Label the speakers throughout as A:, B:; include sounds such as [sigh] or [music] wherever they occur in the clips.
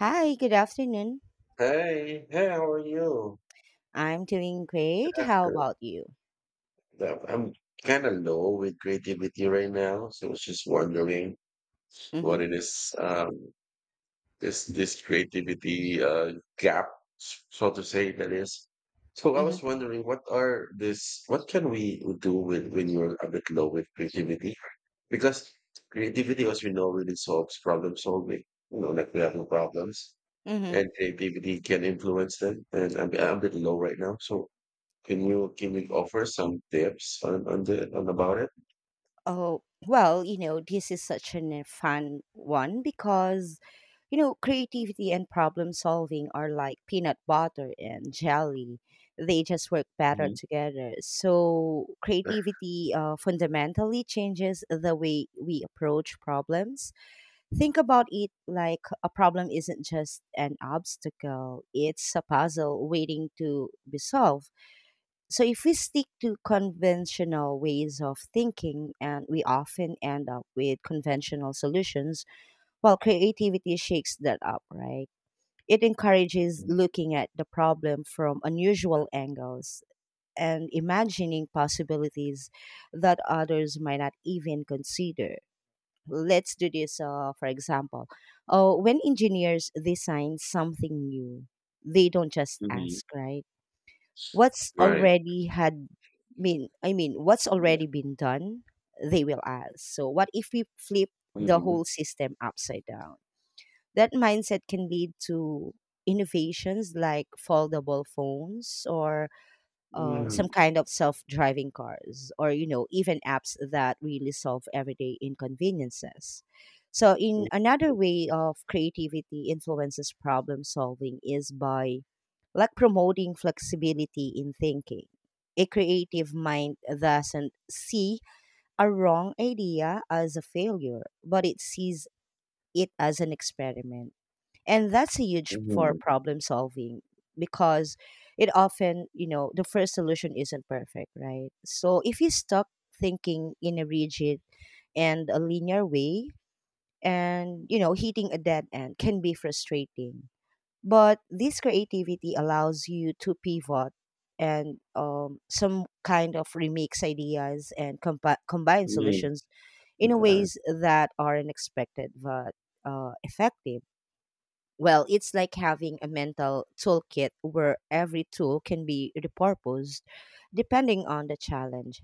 A: Hi, good afternoon.
B: Hey, hey, how are you?
A: I'm doing
B: Good
A: great. How
B: afternoon.
A: about you?
B: No, I'm kind of low with creativity right now, so I was just wondering
A: Mm-hmm.
B: what it is, this creativity gap, so to say, that is. So I
A: Mm-hmm.
B: was wondering, what are this? What can we do with when you're a bit low with creativity? Because creativity, as we know, really solves problem solving. You know, like we have no problems,
A: Mm-hmm.
B: and creativity can influence them. And I'm a bit low right now, so. Can you offer some tips on the on about it?
A: Oh, well, you know, this is such an a fun one because, you know, creativity and problem solving are like peanut butter and jelly. They just work better
B: Mhm.
A: together. So, creativity fundamentally changes the way we approach problems. Think about it, like, a problem isn't just an obstacle, it's a puzzle waiting to be solved. So, if we stick to conventional ways of thinking, and we often end up with conventional solutions, while creativity shakes that up, right? It encourages
B: Mhm.
A: looking at the problem from unusual angles and imagining possibilities that others might not even consider. Let's do this, for example, oh, when engineers design something new, they don't just
B: Mhm.
A: ask, right, what's
B: Right.
A: already had mean I mean what's already been done. They will ask, so what if we flip the
B: Mhm.
A: whole system upside down? That mindset can lead to innovations like foldable phones, or some
B: Mm.
A: kind of self-driving cars, or, you know, even apps that really solve everyday inconveniences. So in
B: Mm.
A: another way of creativity influences problem solving is by, like, promoting flexibility in thinking. A creative mind doesn't see a wrong idea as a failure, but it sees it as an experiment, and that's a huge for
B: Mhm.
A: problem solving, because, it often, you know, the first solution isn't perfect, right? So if you stuck thinking in a rigid and a linear way, and, you know, hitting a dead end can be frustrating, but this creativity allows you to pivot and some kind of remix ideas and combine
B: Mm.
A: solutions in a ways that are unexpected but effective. Well, it's like having a mental toolkit where every tool can be repurposed depending on the challenge.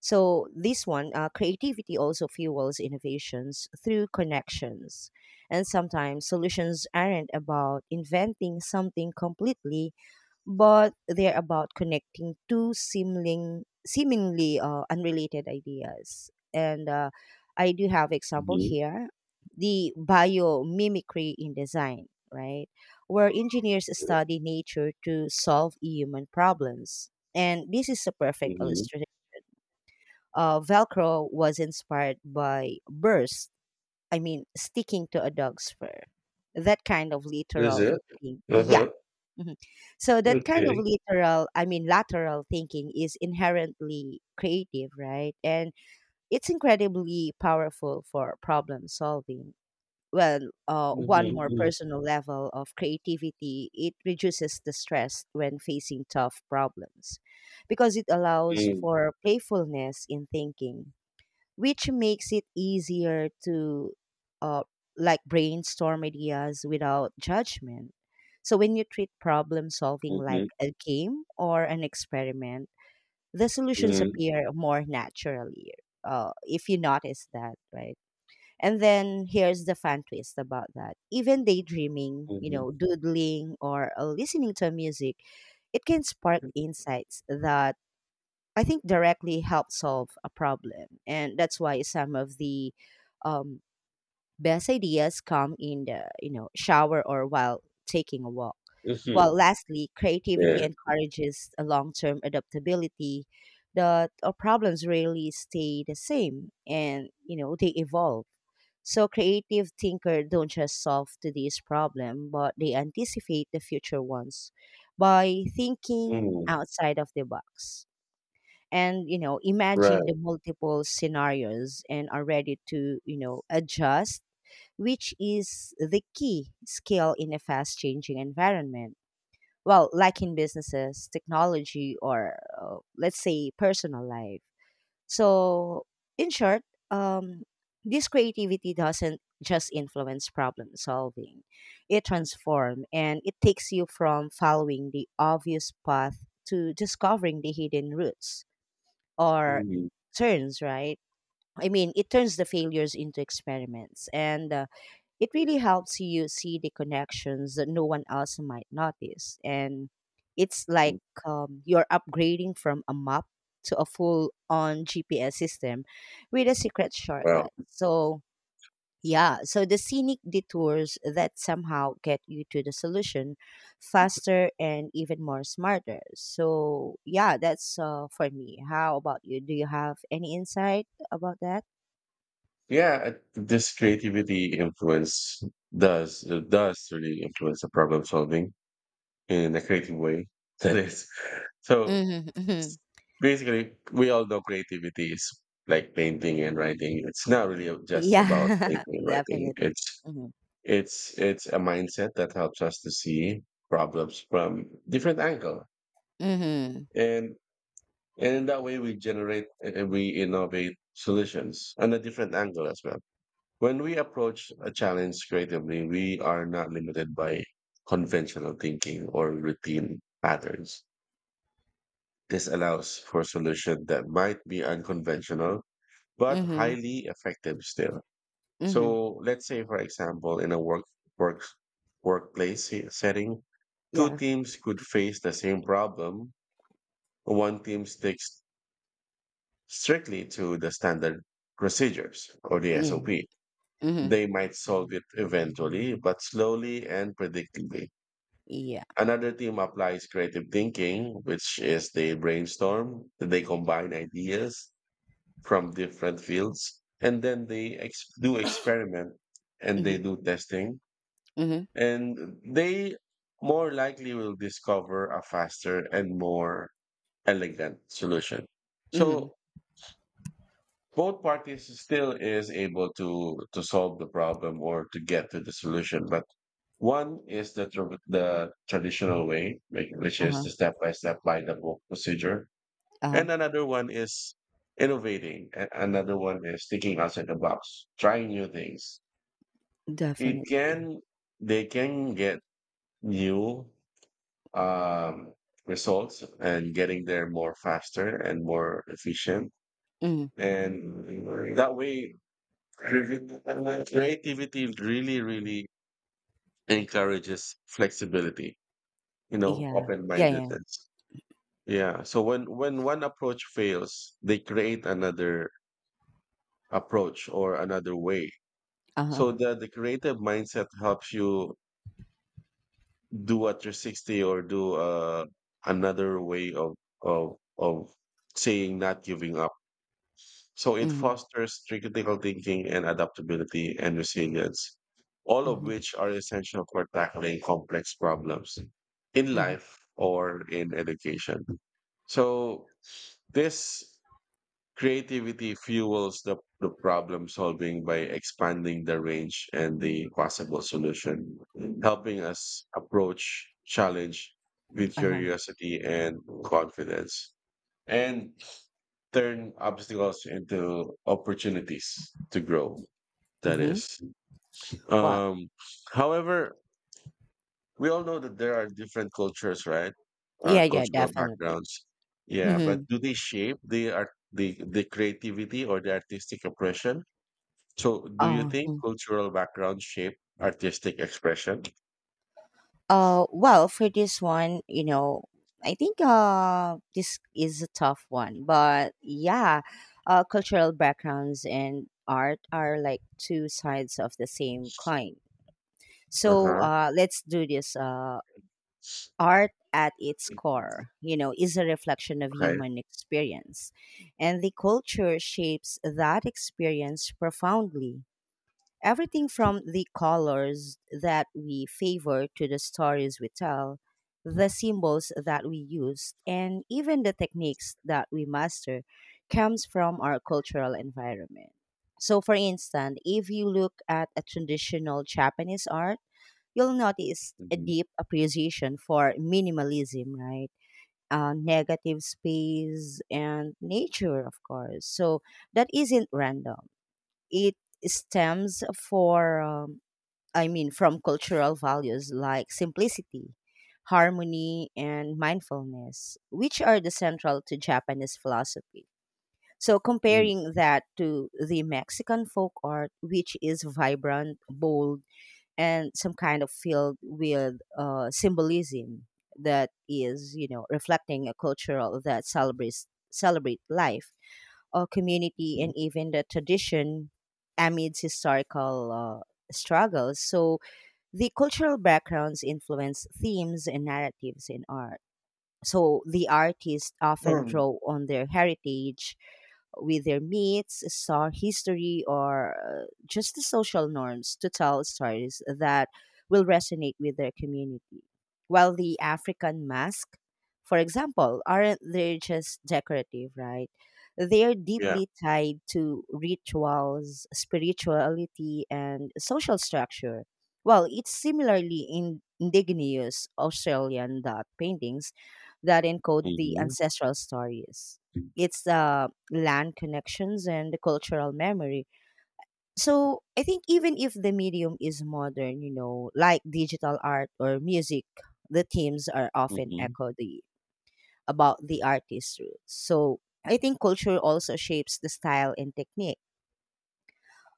A: So this one, creativity also fuels innovations through connections, and sometimes solutions aren't about inventing something completely, but they're about connecting two seemingly unrelated ideas. And I do have example
B: Mhm.
A: here, the biomimicry in design, right, where engineers study nature to solve human problems. And this is a perfect
B: Mhm.
A: illustration. Velcro was inspired by burst, I mean, sticking to a dog's fur. That kind of
B: Is
A: literal
B: it?
A: thinking. Yeah.
B: Uh-huh.
A: Mhm. So that kind of
B: Okay.
A: literal, I mean, lateral thinking is inherently creative, right? And it's incredibly powerful for problem solving. Well, one
B: Mhm.
A: more
B: Mhm.
A: personal level of creativity, it reduces the stress when facing tough problems, because it allows
B: Mhm.
A: for playfulness in thinking, which makes it easier to uh, like brainstorm ideas without judgment. So when you treat problem solving like a game or an experiment, the solutions
B: Mhm.
A: appear more naturally. If you notice that, right? And then here's the fan twist about that. Even daydreaming, you
B: Mhm.
A: know, doodling, or listening to music, it can spark insights that, I think, directly help solve a problem, and that's why some of the um, best ideas come in the, you know, shower or while taking a walk. Well,
B: Mhm.
A: lastly, creativity
B: Yeah.
A: encourages a long-term adaptability. That our problems really stay the same, and, you know, they evolve. So creative thinker don't just solve today's problem, but they anticipate the future ones by thinking
B: Mhm.
A: outside of the box, and, you know, imagine
B: Right.
A: the multiple scenarios and are ready to, you know, adjust, which is the key skill in a fast changing environment. Well, like in businesses, technology, or let's say personal life. So, in short, um, this creativity doesn't just influence problem solving, it transforms, and it takes you from following the obvious path to discovering the hidden roots, or
B: Mhm.
A: turns right I mean it turns the failures into experiments, and it really helps you see the connections that no one else might notice, and it's like, you're upgrading from a map to a full on GPS system with a secret
B: Wow.
A: shortcut. So, yeah, so the scenic detours that somehow get you to the solution faster and even more smarter. So, yeah, that's for me. How about you? Do you have any insight about that?
B: Yeah, this creativity influence does does really influence the problem solving in a creative way [laughs] that is. So
A: Mm-hmm, mm-hmm.
B: basically, we all know creativity is like painting and writing. It's not really just about
A: Yeah, [laughs]
B: painting and writing.
A: definitely.
B: It's
A: Mm-hmm,
B: it's it's a mindset that helps us to see problems from different angle,
A: mm-hmm,
B: and and in that way we generate and we innovate solutions on a different angle as well. When we approach a challenge creatively, we are not limited by conventional thinking or routine patterns. This allows for solution that might be unconventional, but
A: mm-hmm,
B: highly effective still.
A: mm-hmm.
B: So let's say, for example, in a work setting, two
A: Yeah.
B: teams could face the same problem. One team sticks strictly to the standard procedures or the
A: Mm,
B: SOP.
A: mm-hmm,
B: They might solve it eventually, but slowly and predictably.
A: yeah.
B: Another team applies creative thinking, which is they brainstorm, they combine ideas from different fields, and then they do experiment and
A: Mm-hmm,
B: they do testing,
A: mm-hmm,
B: and they more likely will discover a faster and more elegant solution.
A: mm-hmm.
B: So both parties still is able to solve the problem or to get to the solution, but one is the traditional way, like, which is
A: Uh-huh,
B: the step by step by the book procedure.
A: uh-huh.
B: And another one is innovating. And another one is thinking outside the box, trying new things. It
A: Definitely.
B: can, they can get new um, results and getting there more faster and more efficient.
A: Mm-hmm,
B: And that way, creativity really, really encourages flexibility, you know,
A: yeah.
B: open
A: Yeah, yeah.
B: mindedness. Yeah. So when one approach fails, they create another approach or another way.
A: Uh-huh.
B: So the creative mindset helps you do at your 60 or do another way of of of saying not giving up. So it
A: Mm-hmm,
B: fosters critical thinking and adaptability and resilience, all of
A: mm-hmm,
B: which are essential for tackling complex problems in
A: mm-hmm.
B: life or in education. So this creativity fuels the problem solving by expanding the range and the possible solution, helping us approach challenge with
A: Uh-huh.
B: curiosity and confidence, and turn obstacles into opportunities to grow. That
A: Mm-hmm.
B: is.
A: Well,
B: Um, however, we all know that there are different cultures, right?
A: yeah, yeah,
B: Cultural
A: definitely.
B: backgrounds. Yeah, but
A: Mm-hmm.
B: do they shape the art, the creativity or the artistic expression? So, do you
A: Uh,
B: think
A: mm.
B: cultural background shape artistic expression?
A: Well, for this one, you know, I think this is a tough one, but yeah, cultural backgrounds and art are like two sides of the same coin.
B: Uh
A: So,
B: huh.
A: let's do this. Art at its core, you know, is a reflection of
B: Okay.
A: human experience, and the culture shapes that experience profoundly. Everything from the colors that we favor to the stories we tell, the symbols that we use, and even the techniques that we master comes from our cultural environment. So, for instance, if you look at a traditional Japanese art, you'll notice a
B: Hmm.
A: deep appreciation for minimalism, right? Negative space and nature, of course. So, that isn't random, it stems for I mean from cultural values like simplicity, harmony, and mindfulness, which are the central to Japanese philosophy. So comparing that to the Mexican folk art, which is vibrant, bold, and some kind of filled with symbolism, that is, you know, reflecting a cultural that celebrate life, community, and even the tradition amidst historical struggles. So the cultural backgrounds influence themes and narratives in art. So the artists often draw
B: [clears throat]
A: on their heritage, with their myths, star history, or just the social norms to tell stories that will resonate with their community. While the African mask, for example, aren't they just decorative, right? They are
B: Yeah.
A: deeply tied to rituals, spirituality, and social structure. Well, it's similarly in indigenous Australian dot paintings that encode the
B: Hmm.
A: ancestral stories. It's a land connections and cultural memory. So I think even if the medium is modern, you know, like digital art or music, the themes are often
B: Hmm.
A: echo the about the artist's roots. So I think culture also shapes the style and technique.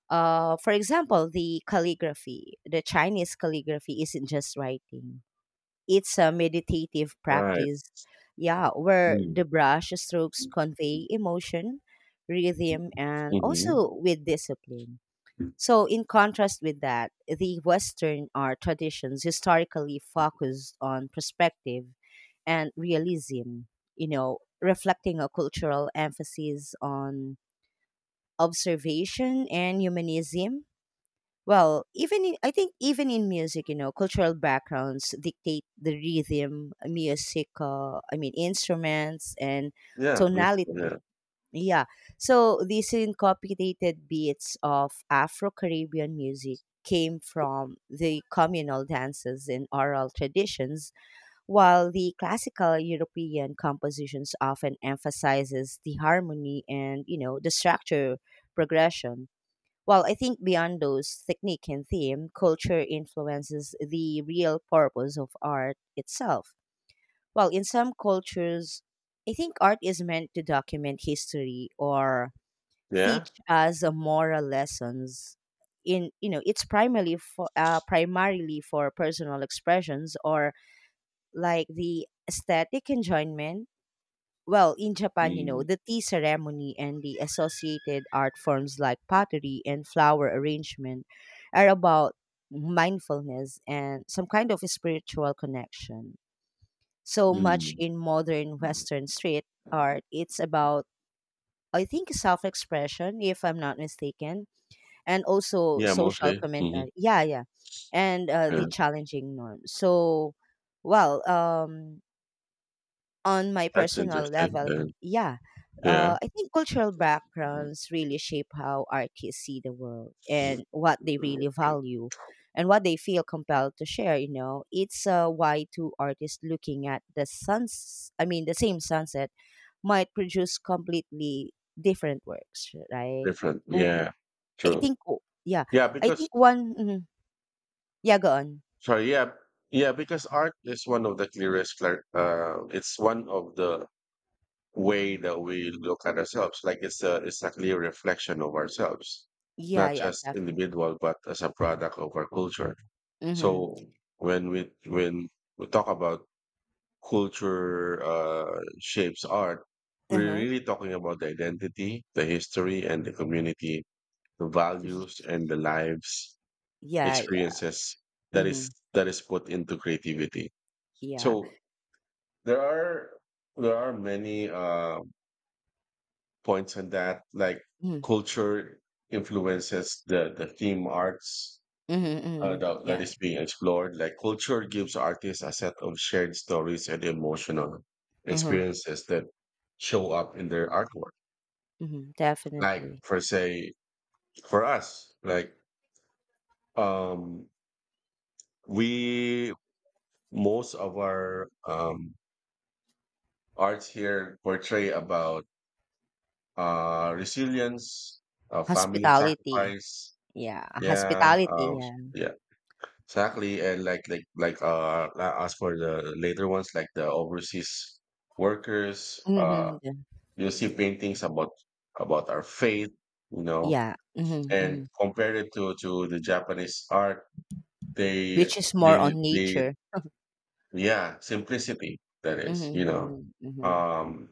A: For example, the calligraphy, the Chinese calligraphy isn't just writing. It's a meditative
B: Right.
A: practice, yeah, where
B: Mm.
A: the brush strokes
B: Hmm.
A: convey emotion, rhythm, and also with discipline. So, in contrast with that, the Western art traditions historically focused on perspective and realism, you know, reflecting a cultural emphasis on observation and humanism. Well, even in, I think even in music, you know, cultural backgrounds dictate the rhythm, music, I mean, instruments and
B: Yeah. Musical.
A: tonality.
B: Yeah.
A: Yeah. So these incorporated beats of Afro-Caribbean music came from the communal dances and oral traditions, while the classical European compositions often emphasizes the harmony and, you know, the structure progression. Well, I think beyond those technique and theme, culture influences the real purpose of art itself. Well, in some cultures, I think art is meant to document history or
B: Yeah.
A: teach us a moral lessons. In, you know, it's primarily for personal expressions or like the aesthetic enjoyment. Well, in Japan, you know,
B: Mm.
A: the tea ceremony and the associated art forms like pottery and flower arrangement are about mindfulness and some kind of spiritual connection. So much
B: Mm.
A: in modern Western street art, it's about, I think, self expression, if I'm not mistaken, and also
B: Yeah.
A: social
B: Mostly. Hmm.
A: commentary. Yeah, yeah. And the challenging norms. So, well, on my
B: That's
A: personal
B: interesting
A: level,
B: then.
A: yeah,
B: Yeah.
A: I think cultural backgrounds really shape how artists see the world and what they really value and what they feel compelled to share. You know, it's why two artists looking at the suns, I mean, the same sunset might produce completely different works, right?
B: Different.
A: W-
B: Yeah.
A: I
B: True.
A: think, yeah,
B: Yeah,
A: I
B: because
A: think one, mhm. Yeah, go on.
B: sorry, yeah. Yeah, because art is one of the it's one of the way that we look at ourselves. Like it's a clear reflection of ourselves,
A: Yeah,
B: not
A: yeah,
B: just
A: definitely.
B: individual, but as a product of our culture.
A: Mm-hmm.
B: So when we talk about culture shapes art, we're
A: Uh-huh.
B: really talking about the identity, the history, and the community, the
A: Y-
B: values and the lives
A: Yeah, yeah.
B: experiences that
A: Mm-hmm.
B: is put into creativity.
A: Yeah.
B: So there are, there are many points on that, like culture influences the theme arts
A: Mhm, mhm.
B: that, that
A: Yeah.
B: is being explored. Like culture gives artists a set of shared stories and emotional
A: Mhm,
B: experiences that show up in their artwork.
A: mhm,
B: Like
A: definitely.
B: for say, for us, like, um we most of our arts here portray about resilience, family
A: Hospitality.
B: sacrifice.
A: Yeah,
B: Yeah,
A: hospitality, yeah.
B: yeah, exactly. And as for the later ones, like the overseas workers,
A: Mhm, yeah.
B: you see paintings about our faith, you know,
A: Yeah, mhm,
B: and
A: mhm.
B: compared it to the Japanese art, they
A: Which is more
B: they
A: on
B: they
A: nature.
B: yeah, simplicity that
A: Mhm,
B: is, you know.
A: mhm, mhm,
B: Um,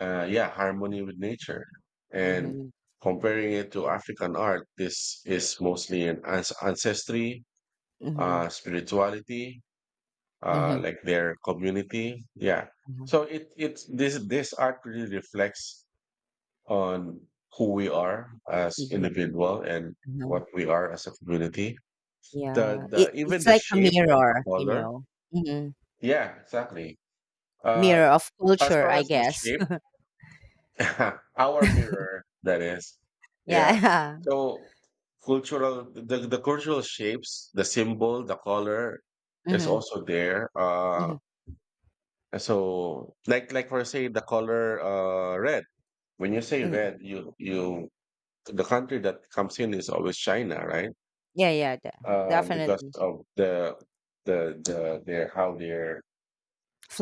B: yeah, harmony with nature. And
A: mhm,
B: comparing it to African art, this is mostly an ancestry,
A: mhm,
B: spirituality,
A: mhm,
B: like their community. Yeah.
A: mhm.
B: So it it's this this art really reflects on who we are as
A: Yeah,
B: individual and
A: mhm.
B: what we are as a community.
A: Yeah.
B: The
A: It,
B: even
A: it's
B: the
A: like a
B: shape and the
A: mirror, you
B: color.
A: know. Mhm.
B: Yeah, exactly. Uh,
A: Mirror of
B: as
A: culture,
B: well
A: I
B: as the
A: guess.
B: shape. [laughs] Our
A: [laughs]
B: mirror, that is. Yeah.
A: Yeah. [laughs]
B: So cultural shapes, the symbol, the color is
A: Mhm,
B: also there.
A: mhm.
B: So, like for say the color red. When you say red, you the country that comes in is always China, right?
A: Yeah, yeah,
B: Um, because
A: definitely.
B: of the their how their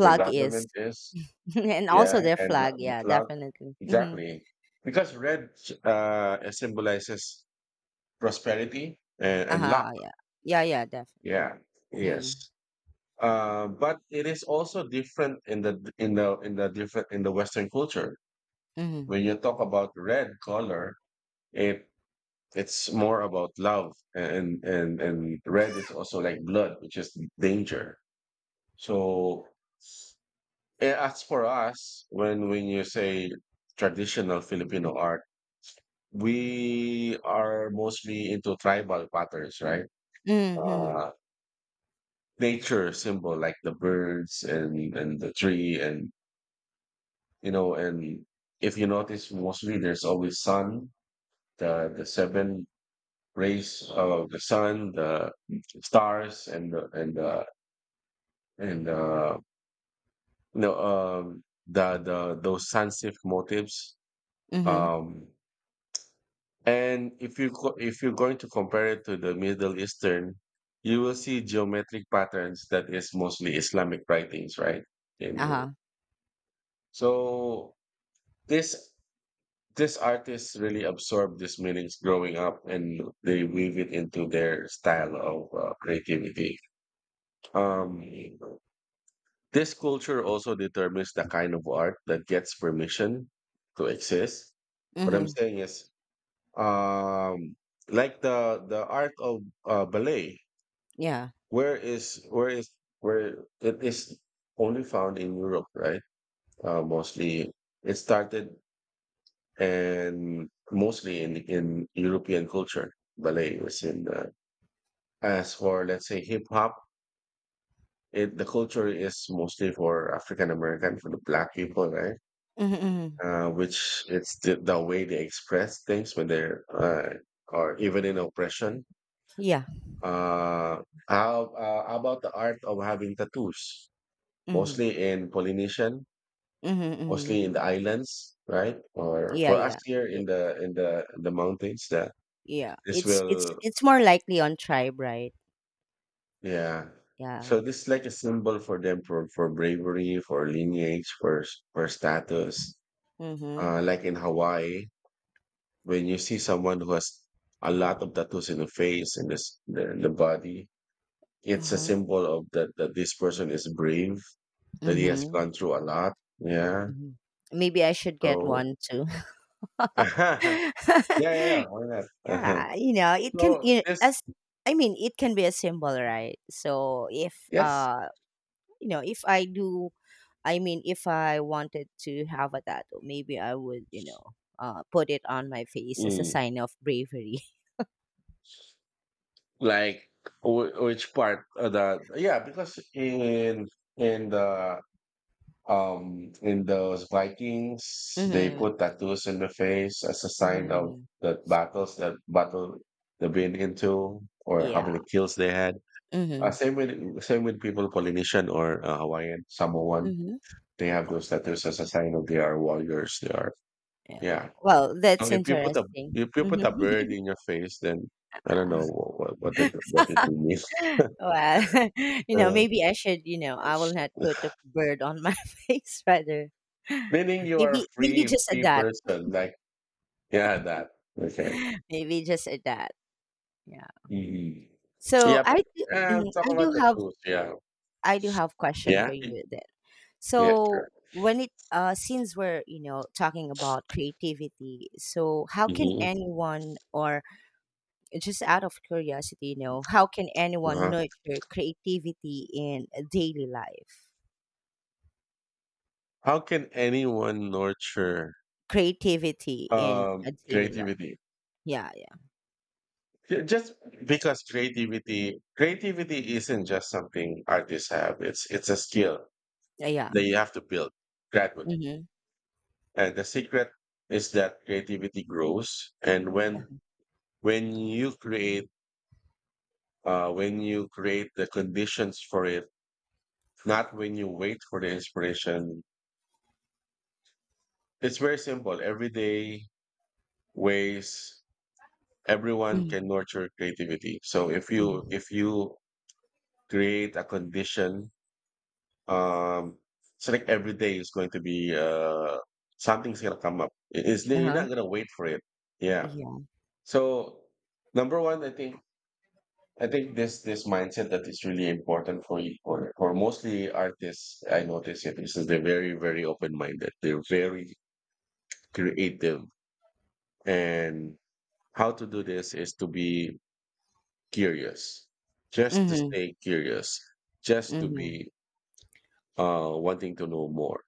B: their
A: is.
B: government is.
A: [laughs] And
B: Yeah,
A: also their
B: and
A: flag.
B: the
A: Yeah,
B: flag.
A: definitely. Mm-hmm.
B: Exactly. Because red symbolizes prosperity and luck.
A: Uh-huh, yeah. Yeah, yeah, definitely.
B: Yeah. Yes.
A: Mm.
B: But it is also different in the in the in the different in the Western culture.
A: Mm-hmm.
B: When you talk about red color, it it's more about love, and red is also like blood, which is danger. So as for us, when you say traditional Filipino art, we are mostly into tribal patterns, right?
A: Mm-hmm.
B: Uh, nature symbol like the birds and the tree and, you know, and if you notice mostly there's always sun, the seven rays of the sun, the stars and the and the and the no, the the those sunset motifs.
A: Mm-hmm.
B: Um, and if you if you're going to compare it to the Middle Eastern, you will see geometric patterns that is mostly Islamic writings, right? And
A: Uh-huh.
B: so this this artists really absorb these meanings growing up, and they weave it into their style of creativity. Um, this culture also determines the kind of art that gets permission to exist. What I'm
A: Mm-hmm.
B: saying is, um, like the art of ballet.
A: Yeah.
B: Where is where is where it is only found in Europe, right? Mostly it started and mostly in European culture. Ballet was in the, as for let's say hip hop, it the culture is mostly for African American, for the black people, right?
A: Mm-hmm. Mm-hmm,
B: Which it's the way they express things when they're or even in oppression.
A: yeah.
B: Uh, how about the art of having tattoos?
A: Mm-hmm.
B: Mostly in Polynesian,
A: Mm-hmm. Mm-hmm,
B: mostly in the islands, right? Or
A: yeah,
B: for us
A: yeah.
B: here in
A: It,
B: the mountains, that
A: yeah.
B: this
A: It's
B: will
A: it's more likely on tribe, right?
B: yeah.
A: Yeah.
B: So this is like a symbol for them for bravery, for lineage, for for status.
A: Mm-hmm.
B: Like in Hawaii, when you see someone who has a lot of tattoos in the face and this the body, it's a
A: Uh-huh.
B: symbol of that that this person is brave, that he has
A: Mm-hmm.
B: gone through a lot. Yeah.
A: Mm-hmm. Maybe I should get
B: So
A: one too.
B: [laughs]
A: [laughs]
B: yeah, yeah, yeah.
A: [laughs]
B: Why not? Uh-huh.
A: Yeah, you know, it can
B: So
A: you
B: this.
A: as I mean, it can be a symbol, right? So if
B: Yes.
A: you know, if I do, I mean, if I wanted to have a tattoo, maybe I would, you know, put it on my face as a
B: Mm.
A: sign of bravery. [laughs]
B: Like which part of the, yeah, because in the in those Vikings, they
A: Mm-hmm.
B: put tattoos in the face as a sign of
A: Mm-hmm.
B: the battles that battle they've been into or how
A: Yeah.
B: many kills they had. Uh,
A: Mm-hmm.
B: same with same with people Polynesian or Hawaiian, Samoan.
A: Mm-hmm.
B: They have
A: Oh,
B: those tattoos as a sign of they are warriors. They are,
A: yeah.
B: yeah.
A: Well,
B: So
A: that's interesting.
B: if you put a bird
A: Mhm.
B: in your face, then I don't know
A: [laughs]
B: what it what it means. [laughs]
A: Well, [laughs] you know,
B: Uh,
A: maybe I should, you know, I will not put a bird on my [laughs] face rather.
B: meaning you are a
A: Maybe
B: free
A: just a
B: free
A: dot.
B: person. Like yeah, that okay.
A: [laughs] Maybe just a dot. Yeah.
B: Mhm.
A: So
B: Yeah, but
A: I do, mm,
B: talk about the tools. Yeah,
A: I do have question
B: yeah,
A: for you then.
B: yeah,
A: So
B: sure.
A: when it since we're, talking about creativity, so how can
B: Hmm.
A: anyone or just out of curiosity, how can anyone
B: Uh-huh.
A: nurture creativity in daily life?
B: How can anyone nurture
A: Creativity in a daily life.
B: creativity?
A: Yeah, yeah.
B: Just because creativity isn't just something artists have. It's a skill
A: Yeah.
B: that you have to build gradually.
A: Mm-hmm.
B: And the secret is that creativity grows. And when
A: Uh-huh.
B: you create, when you create the conditions for it, not when you wait for the inspiration. It's very simple. Everyday ways everyone
A: Mhm,
B: can nurture creativity. So
A: mhm.
B: if you create a condition, um, so like every day is going to be something's gonna come up. It's you're
A: Uh-huh.
B: not gonna wait for it. Yeah.
A: Yeah.
B: So number one, I think this this mindset that is really important for for mostly artists. I notice it. This is they're very very open minded. They're very creative, and how to do this is to be curious, just to
A: Mm-hmm.
B: stay curious, just to
A: Mm-hmm.
B: be wanting to know more.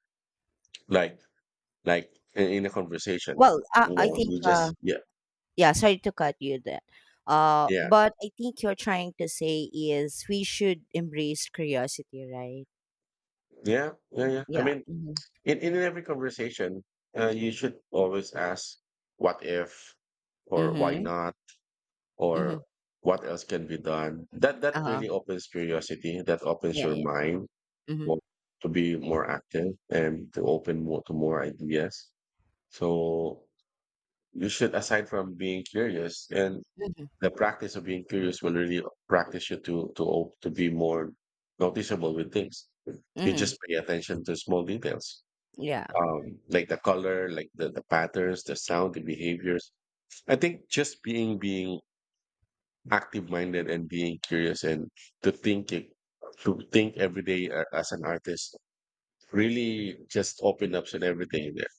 B: Like like in a conversation,
A: Well, I,
B: you
A: I
B: know,
A: think,
B: you just yeah
A: yeah, sorry to cut you there.
B: yeah
A: But I think you're trying to say is we should embrace curiosity, right?
B: yeah yeah yeah. I
A: Yeah.
B: mean
A: Mm-hmm.
B: in every conversation, you should always ask, what if, or why
A: Mm-hmm.
B: not,
A: Mm-hmm.
B: or what else can be done. That that
A: Uh-huh.
B: really opens curiosity. That opens
A: Yeah,
B: your
A: yeah.
B: mind
A: Mm-hmm.
B: for, to be more active and to open more to more ideas. So you should, aside from being curious, and
A: Mm-hmm.
B: the practice of being curious will really practice you to to be more noticeable with things. You
A: Mm-hmm.
B: just pay attention to small details
A: Yeah.
B: like the color, like the patterns, the sound, the behaviors. I think just being active minded and being curious and to think it- to think every day as an artist really just open up to everything there.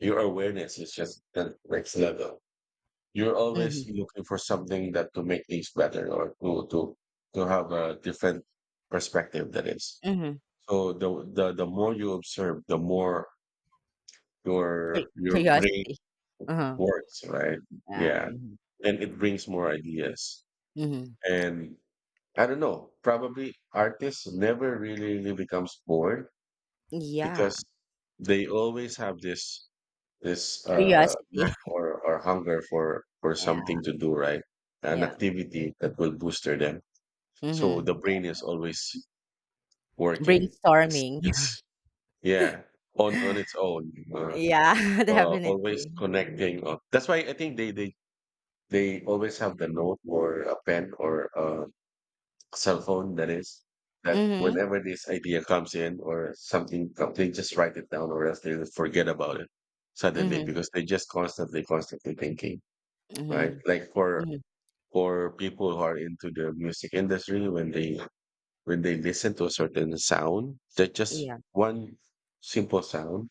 B: Your awareness is just the next level. You're
A: Mm-hmm.
B: always looking for something that to make things better or to have a different perspective that is.
A: Mm-hmm.
B: So the more you observe, the more
A: Cur-
B: your brain
A: Curiosity. Uh-huh.
B: works, right?
A: Yeah.
B: Yeah.
A: Mm-hmm.
B: And it brings more ideas.
A: Mm-hmm.
B: And I don't know, probably artists never really becomes bored because
A: Yeah.
B: they always have this
A: Curiosity.
B: knack
A: [laughs]
B: or hunger for
A: Yeah.
B: something to do, right? An
A: Yeah.
B: activity that will booster them. So
A: Mhm.
B: the brain is always working. It's
A: Brainstorming.
B: it's yeah, on its
A: [laughs]
B: own.
A: Yeah, [laughs]
B: Always
A: definitely.
B: connecting. That's why I think they they always have the note or a pen or a cell phone that is that
A: Mhm.
B: whenever this idea comes in or something, they just write it down or else they forget about it suddenly
A: Mhm.
B: because they just constantly thinking, right?
A: Mhm.
B: Like
A: Mhm.
B: for people who are into the music industry, when they listen to a certain sound, that just
A: Yeah.
B: one simple sound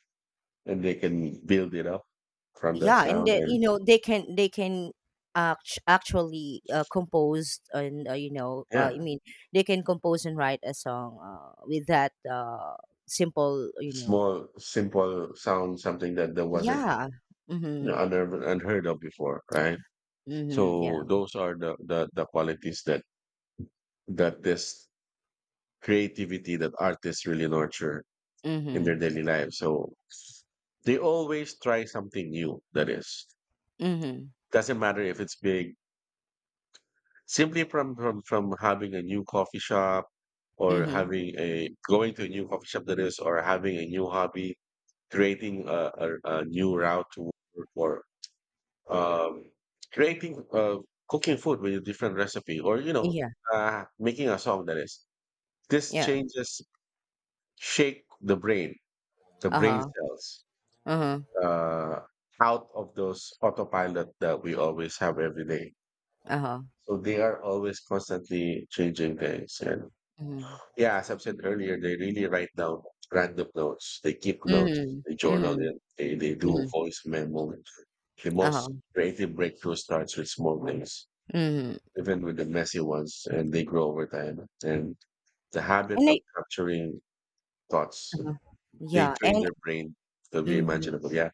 B: and they can build it up from that
A: Yeah, and
B: sound and
A: they can actually compose and
B: yeah,
A: they can compose and write a song with that simple.
B: small, simple sound, something that there wasn't
A: Yeah.
B: No,
A: Mhm.
B: I never unheard of before, right?
A: Mhm. Yeah.
B: So those are the, the qualities that that this creativity that artists really nurture in their
A: Mhm.
B: daily lives. So they always try something new. That is,
A: Mhm.
B: doesn't matter if it's big. Simply from having a new coffee shop, or
A: Mhm.
B: having a going to a new coffee shop that is, or having a new hobby, creating a new route to work or um, creating cooking food with a different recipe or you know
A: Yeah.
B: making a song that is this
A: Yeah.
B: changes shake the brain
A: Uh-huh.
B: cells
A: Uh-huh.
B: uh, out of those autopilot that we always have every day
A: Uh-huh.
B: so they are always constantly changing things and
A: Mhm.
B: yeah, as I've said earlier, they really write down random notes, they keep notes,
A: Mhm.
B: they journal
A: Mhm.
B: it, they do
A: Mhm.
B: voice memo. The
A: Uh-huh.
B: most creative breakthrough starts with small things,
A: Mhm.
B: even with the messy ones, and they grow over time. And the habit
A: And
B: of
A: I
B: capturing thoughts,
A: Uh-huh.
B: they
A: Yeah,
B: train
A: and
B: their brain to be
A: Mhm.
B: imaginable. Yeah.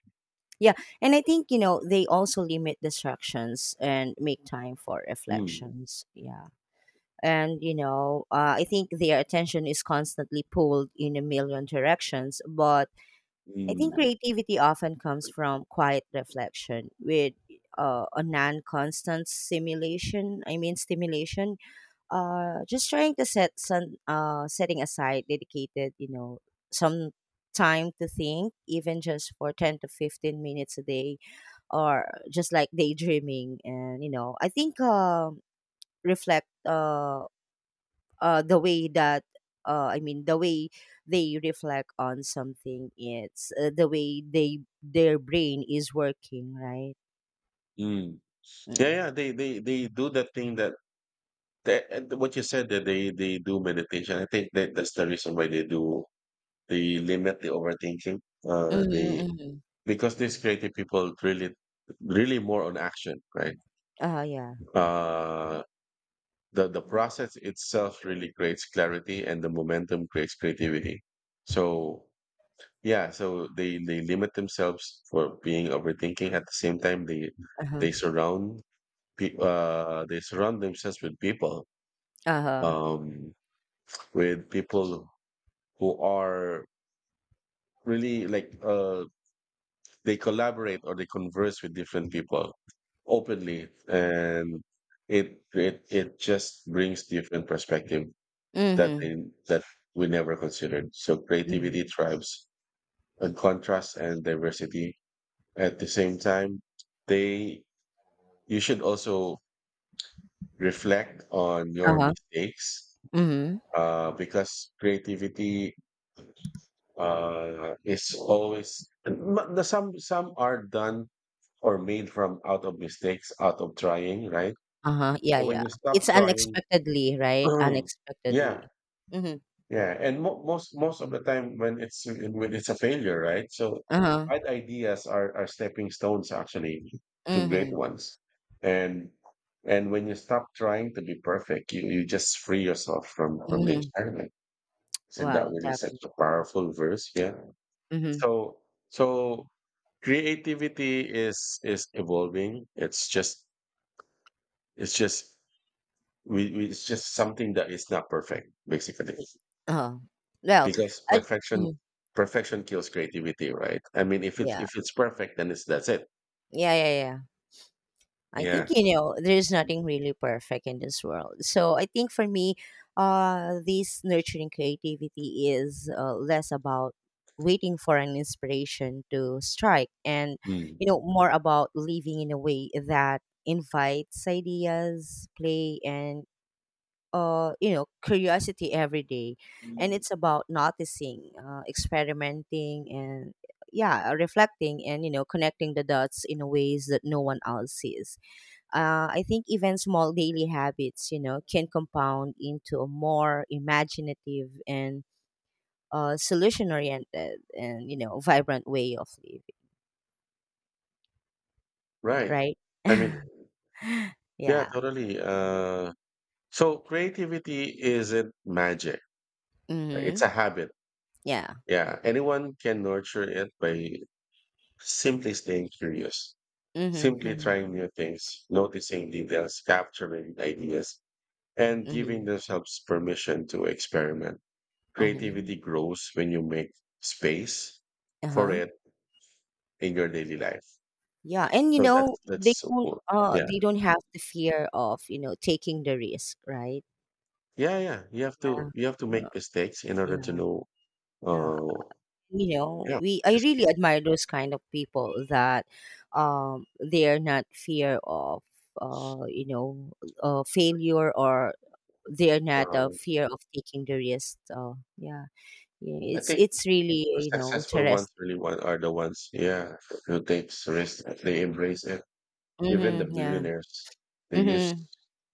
A: Yeah, and I think, they also limit distractions and make time for
B: Mm,
A: reflections. Yeah. And, I think their attention is constantly pulled in a million directions, but I think
B: mm,
A: creativity often comes from quiet reflection with a non-constant stimulation, I mean stimulation, just trying to set some setting aside dedicated some time to think even just for 10 to 15 minutes a day, or just like daydreaming, and I think, reflect, the way that I mean the way they reflect on something. It's the way they their brain is working, right?
B: mm. Yeah,
A: Mm.
B: yeah. They do that thing that, that and what you said that they do meditation. I think that that's the reason why they do, they limit the overthinking. Uh,
A: Mm-hmm,
B: they,
A: mm-hmm.
B: because these creative people really, really more on action, right?
A: Yeah.
B: Uh, the process itself really creates clarity and the momentum creates creativity so yeah so they limit themselves for being overthinking. At the same time,
A: Uh-huh.
B: they surround they surround themselves
A: Uh-huh.
B: um with people who are really like they collaborate or they converse with different people openly, and it just brings different perspective that
A: Mm-hmm,
B: they, that we never considered. So
A: mm-hmm.
B: creativity thrives on contrast and diversity. At the same time, they you should also reflect on your
A: Uh-huh.
B: mistakes
A: Mm-hmm.
B: because creativity is always the some are done or made from out of mistakes, out of trying, right?
A: Uh-huh, yeah,
B: So when
A: yeah.
B: you stop
A: It's
B: trying,
A: unexpectedly, right?
B: [clears throat]
A: Unexpectedly.
B: yeah,
A: Mhm.
B: yeah, and most of the time when it's a failure, right? So
A: Uh-huh.
B: bad ideas are stepping stones actually to great
A: Mhm,
B: ones, and and when you stop trying to be perfect, you just free yourself from the
A: mhm.
B: experiment. Isn't that
A: Well,
B: really such
A: definitely.
B: a powerful verse? Yeah.
A: Mhm.
B: So so creativity is evolving. It's just we it's just something that is not perfect, basically.
A: Y Oh, well,
B: Because
A: I
B: perfection
A: mhm,
B: perfection kills creativity, right? I mean,
A: yeah.
B: if it's perfect, then it's that's it.
A: Yeah, yeah, yeah. I think
B: Yeah.
A: there's nothing really perfect in this world. So I think for me, this nurturing creativity is less about waiting for an inspiration to strike, and
B: Mm.
A: more about living in a way that invites ideas, play, and curiosity every day. And it's about noticing, experimenting, and yeah, reflecting, and connecting the dots in ways that no one else sees. I think even small daily habits, can compound into a more imaginative and solution oriented and, vibrant way of living,
B: Right.
A: right?
B: I
A: [laughs]
B: mean, yeah,
A: Yeah.
B: totally. So creativity isn't magic.
A: Mm-hmm.
B: It's a habit.
A: Yeah.
B: Yeah. Anyone can nurture it by simply staying curious,
A: Mm-hmm.
B: simply
A: Mm-hmm.
B: trying new things, noticing details, capturing ideas, and giving
A: Mm-hmm.
B: themselves permission to experiment.
A: Uh-huh.
B: Creativity grows when you make space for
A: Uh-huh.
B: it in your daily life.
A: Yeah. And,
B: So that's
A: they
B: so
A: don't,
B: cool.
A: uh,
B: Yeah,
A: they don't have the fear of, taking the risk, right?
B: yeah, yeah.
A: Yeah.
B: You have to
A: Uh,
B: make mistakes in order to
A: Yeah.
B: know.
A: Yeah.
B: Uh, yeah,
A: We I
B: this.
A: really admire those kind of people that, um they're not fear of, uh you know failure, or they're not a
B: Um,
A: fear of taking the risk, so yeah. Yeah,
B: I
A: it's
B: think
A: it's really
B: the successful ones
A: interesting.
B: really one are the ones. Yeah, who takes risks. They embrace it. Even the
A: Hmm. Yeah.
B: billionaires, they use.
A: Hmm.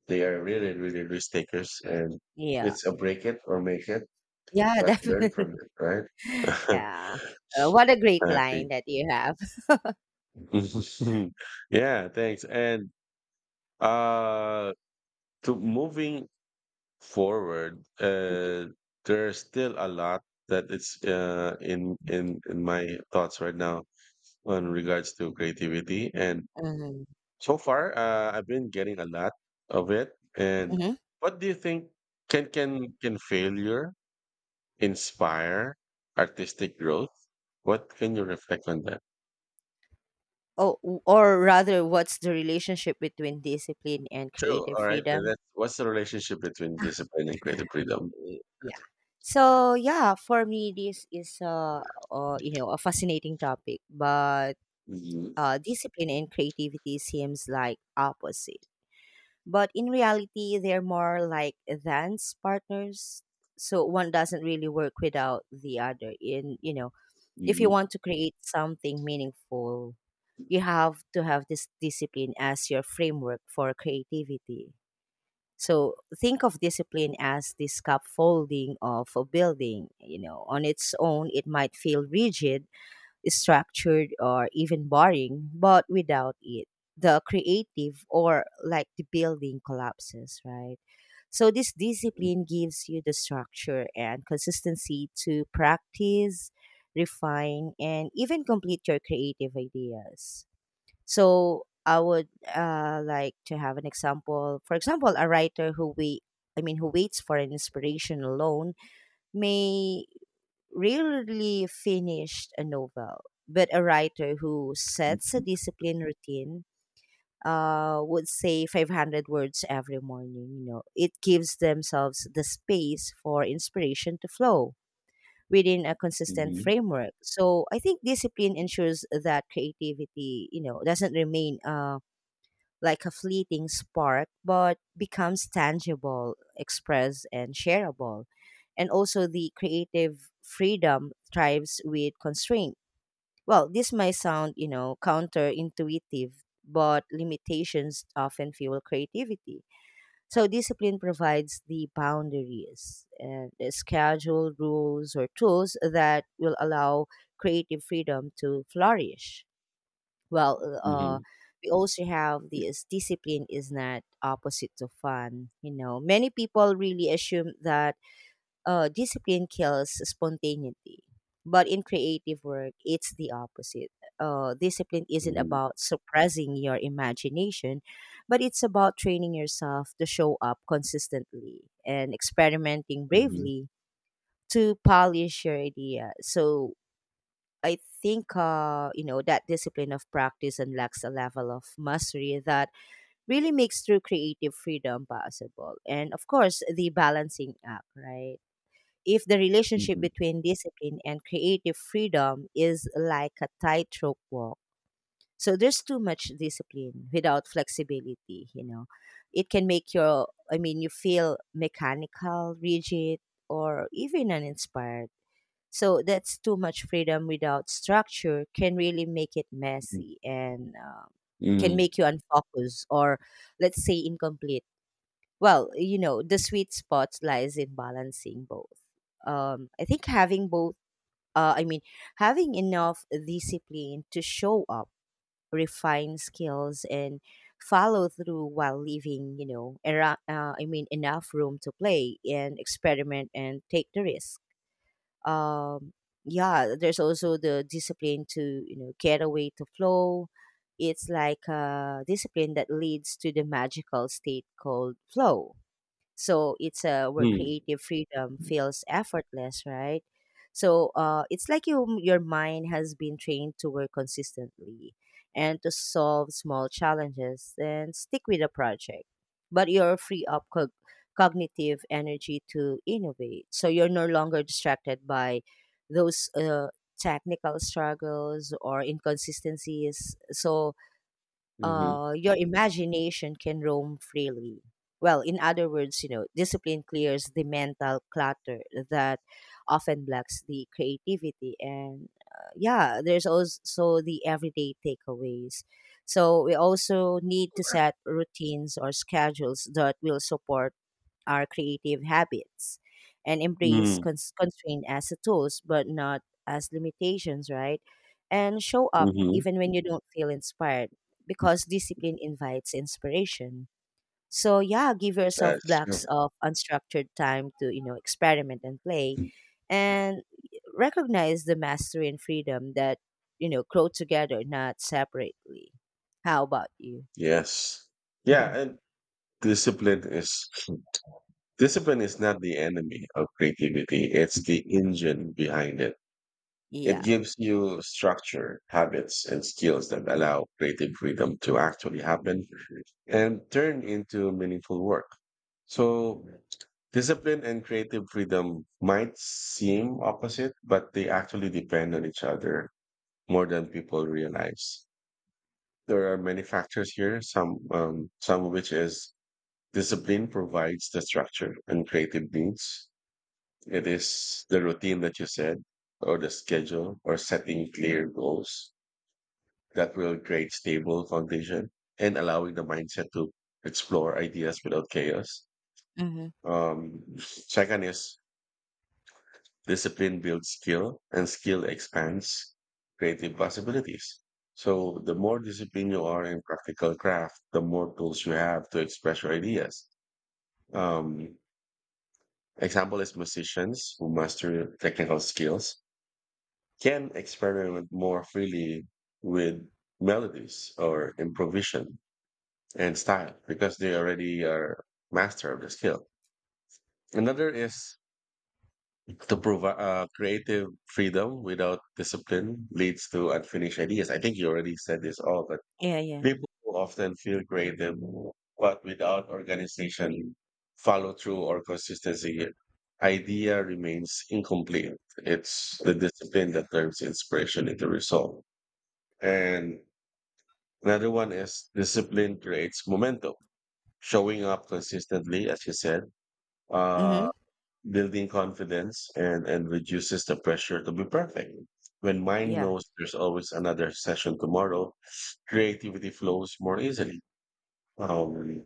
B: They are really risk takers, and
A: Yeah,
B: it's a break it or make it,
A: yeah. [laughs]
B: but learn
A: Definitely.
B: from it, right? [laughs]
A: Yeah. What a great line
B: exactly.
A: that you have.
B: Mhm. [laughs] Yeah, thanks. And uh to moving forward, there's still a lot that it's in my thoughts right now on regards to creativity. And
A: Hmm.
B: so far, I've been getting a lot of it. And
A: Hmm.
B: what do you think, can failure inspire artistic growth? What can you reflect on that?
A: Oh, or rather, what's the relationship between discipline and
B: True.
A: creative
B: All right. Then
A: freedom?
B: that's, what's the relationship between discipline and creative freedom?
A: Yeah, so yeah, for me this is a fascinating topic, but
B: Mhm.
A: discipline and creativity seems like opposite, but in reality they're more like dance partners, so one doesn't really work without the other in you know if you
B: Mhm.
A: want to create something meaningful. You have to have this discipline as your framework for creativity, so think of discipline as the scaffolding of a building. You know, on its own, it might feel rigid, structured, or even boring, but without it, the creative or like the building collapses, right? So this discipline gives you the structure and consistency to practice, refine, and even complete your creative ideas. So I would like to have an example. For example, a writer who who waits for an inspiration alone may rarely finish a novel. But a writer who sets a
B: Mhm.
A: discipline routine would say 500 words every morning. You know, it gives themselves the space for inspiration to flow within a consistent
B: Mhm.
A: framework. So I think discipline ensures that creativity, doesn't remain. Like a fleeting spark, but becomes tangible, expressed, and shareable. And also, the creative freedom thrives with constraint. Well, this might sound, counterintuitive, but limitations often fuel creativity. So, discipline provides the boundaries and the schedule, rules, or tools that will allow creative freedom to flourish. Well,
B: Mhm.
A: we also have this discipline is not opposite to fun. Many people really assume that discipline kills spontaneity, but in creative work, it's the opposite. Discipline isn't about suppressing your imagination, but it's about training yourself to show up consistently and experimenting
B: Mhm.
A: bravely to polish your idea. So I think that discipline of practice unlocks a level of mastery that really makes true creative freedom possible. And of course, the balancing act, right? If the relationship
B: Mhm.
A: between discipline and creative freedom is like a tightrope walk, so there's too much discipline without flexibility. You know, it can make you feel mechanical, rigid, or even uninspired, so that's too much freedom without structure can really make it
B: Mhm.
A: messy, and can
B: Mhm.
A: make you unfocused, or let's say incomplete. Well, the sweet spot lies in balancing both. I think having both, I mean, having enough discipline to show up, refine skills, and follow through while leaving, I mean, enough room to play and experiment and take the risk, um, yeah, there's also the discipline to get away to flow. It's like a discipline that leads to the magical state called flow. So it's where
B: Mhm.
A: creative freedom feels effortless, right? So it's like your mind has been trained to work consistently and to solve small challenges and stick with a project. But you're free up cognitive energy to innovate. So you're no longer distracted by those technical struggles or inconsistencies. So
B: Mhm.
A: your imagination can roam freely. Well, in other words, discipline clears the mental clutter that often blocks the creativity. And yeah, there's also the everyday takeaways. So we also need to set routines or schedules that will support our creative habits and embrace
B: Mhm.
A: constraint as a tools but not as limitations, right? And show up
B: Mhm.
A: even when you don't feel inspired because discipline invites inspiration. So yeah, give yourself
B: That's
A: blocks
B: true.
A: of unstructured time to, experiment and play, and recognize the mastery and freedom that, grow together, not separately. How about you?
B: Yes. Yeah,
A: [laughs]
B: and discipline is discipline is not the enemy of creativity. It's the engine behind it. It
A: Yeah.
B: gives you structure, habits, and skills that allow creative freedom to actually happen and turn into meaningful work. So, discipline and creative freedom might seem opposite, but they actually depend on each other more than people realize. There are many factors here, some of which is discipline provides the structure and creative needs. It is the routine that you said, or the schedule, or setting clear goals that will create stable foundation and allowing the mindset to explore ideas without chaos.
A: Mm-hmm.
B: Second is discipline builds skill, and skill expands creative possibilities. So the more disciplined you are in practical craft, the more tools you have to express your ideas. Um, example is musicians who master technical skills can experiment more freely with melodies or improvisation and style because they already are master of the skill. Another is to provide creative freedom without discipline leads to unfinished ideas. I think you already said this all, but
A: Yeah, yeah.
B: people who often feel creative, but without organization, follow through, or consistency, idea remains incomplete. It's the discipline that turns inspiration into result. And another one is discipline creates momentum. Showing up consistently, as you said, uh,
A: Mm-hmm.
B: building confidence and reduces the pressure to be perfect. When mind
A: Yeah.
B: knows there's always another session tomorrow, creativity flows more easily. Um,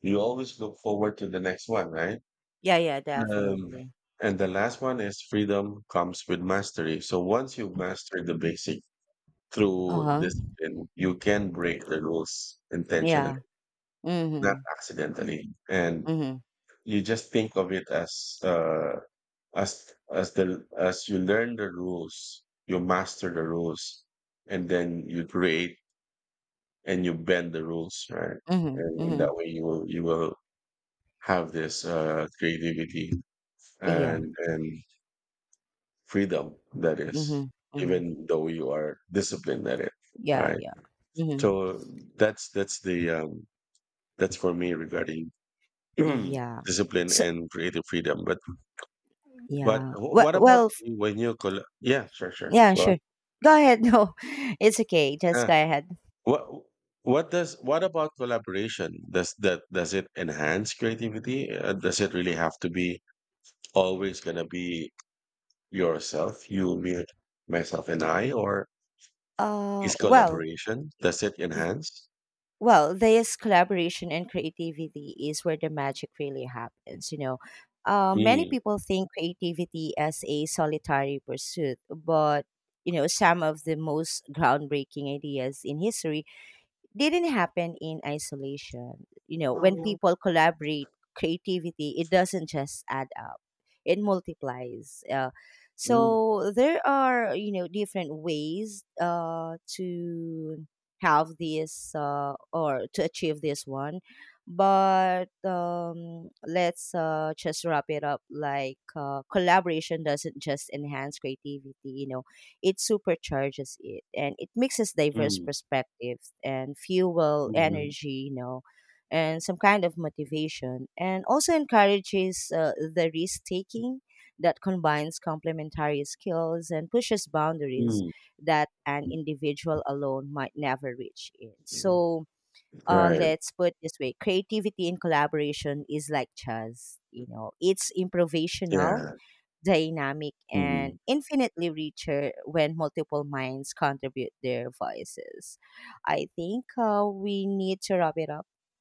B: you always look forward to the next one, right?
A: Yeah, yeah,
B: Um,
A: definitely.
B: and the last one is freedom comes with mastery. So once you've mastered the basic through
A: Uh-huh.
B: discipline, you can break the rules intentionally,
A: Yeah.
B: not
A: Mhm.
B: accidentally, and
A: Mhm.
B: you just think of it as as the as you learn the rules you master the rules and then you create and you bend the rules, right?
A: Mhm.
B: And, in that
A: Mhm.
B: way you will have this creativity
A: Yeah.
B: and freedom that is
A: Mhm. Mhm.
B: even though you are disciplined at it. All
A: Yeah,
B: right.
A: yeah. Mhm.
B: So that's the that's for me regarding
A: Yeah.
B: [clears throat] discipline
A: So,
B: and creative freedom, but
A: yeah. Well,
B: what about you when you colla Yeah, sure, sure.
A: yeah,
B: What?
A: sure. Go ahead. [laughs] No. It's okay. Just
B: Uh,
A: go ahead.
B: what what does what about collaboration? Does that does it enhance creativity? Does it really have to be always gonna be yourself, you, me, myself, and I, or is
A: Well,
B: collaboration does it enhance?
A: this collaboration and creativity is where the magic really happens. Many
B: Mm.
A: people think creativity as a solitary pursuit, but some of the most groundbreaking ideas in history didn't happen in isolation. You know, when
B: Mm,
A: people collaborate, creativity, it doesn't just add up, it multiplies.
B: mm,
A: So there are, different ways to have this, or to achieve this one. But let's just wrap it up. Like, collaboration doesn't just enhance creativity, it supercharges it, and it mixes diverse
B: mm,
A: perspectives and fuel energy, and some kind of motivation, and also encourages the risk taking that combines complementary skills and pushes boundaries
B: mhm,
A: that an individual alone might never reach in.
B: mm.
A: So
B: Right.
A: let's put it this way, creativity in collaboration is like jazz, it's improvisational,
B: Yeah.
A: dynamic, and
B: Mhm.
A: infinitely richer when multiple minds contribute their voices. I think we need to wrap it up. [laughs]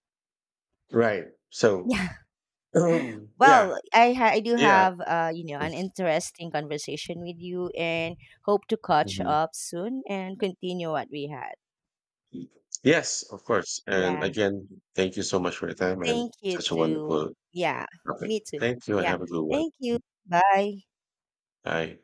B: Right. So,
A: Yeah.
B: [clears throat] yeah.
A: Well, I do
B: Yeah.
A: have an interesting conversation with you and hope to catch
B: Mhm.
A: up soon and continue what we had.
B: Yes, of course. And
A: Yeah.
B: again, thank you so much for your time and
A: Thank you
B: such a
A: too.
B: wonderful
A: Yeah.
B: topic.
A: Me too.
B: Thank you and
A: Yeah.
B: have a good one.
A: Thank you. Bye.
B: Bye.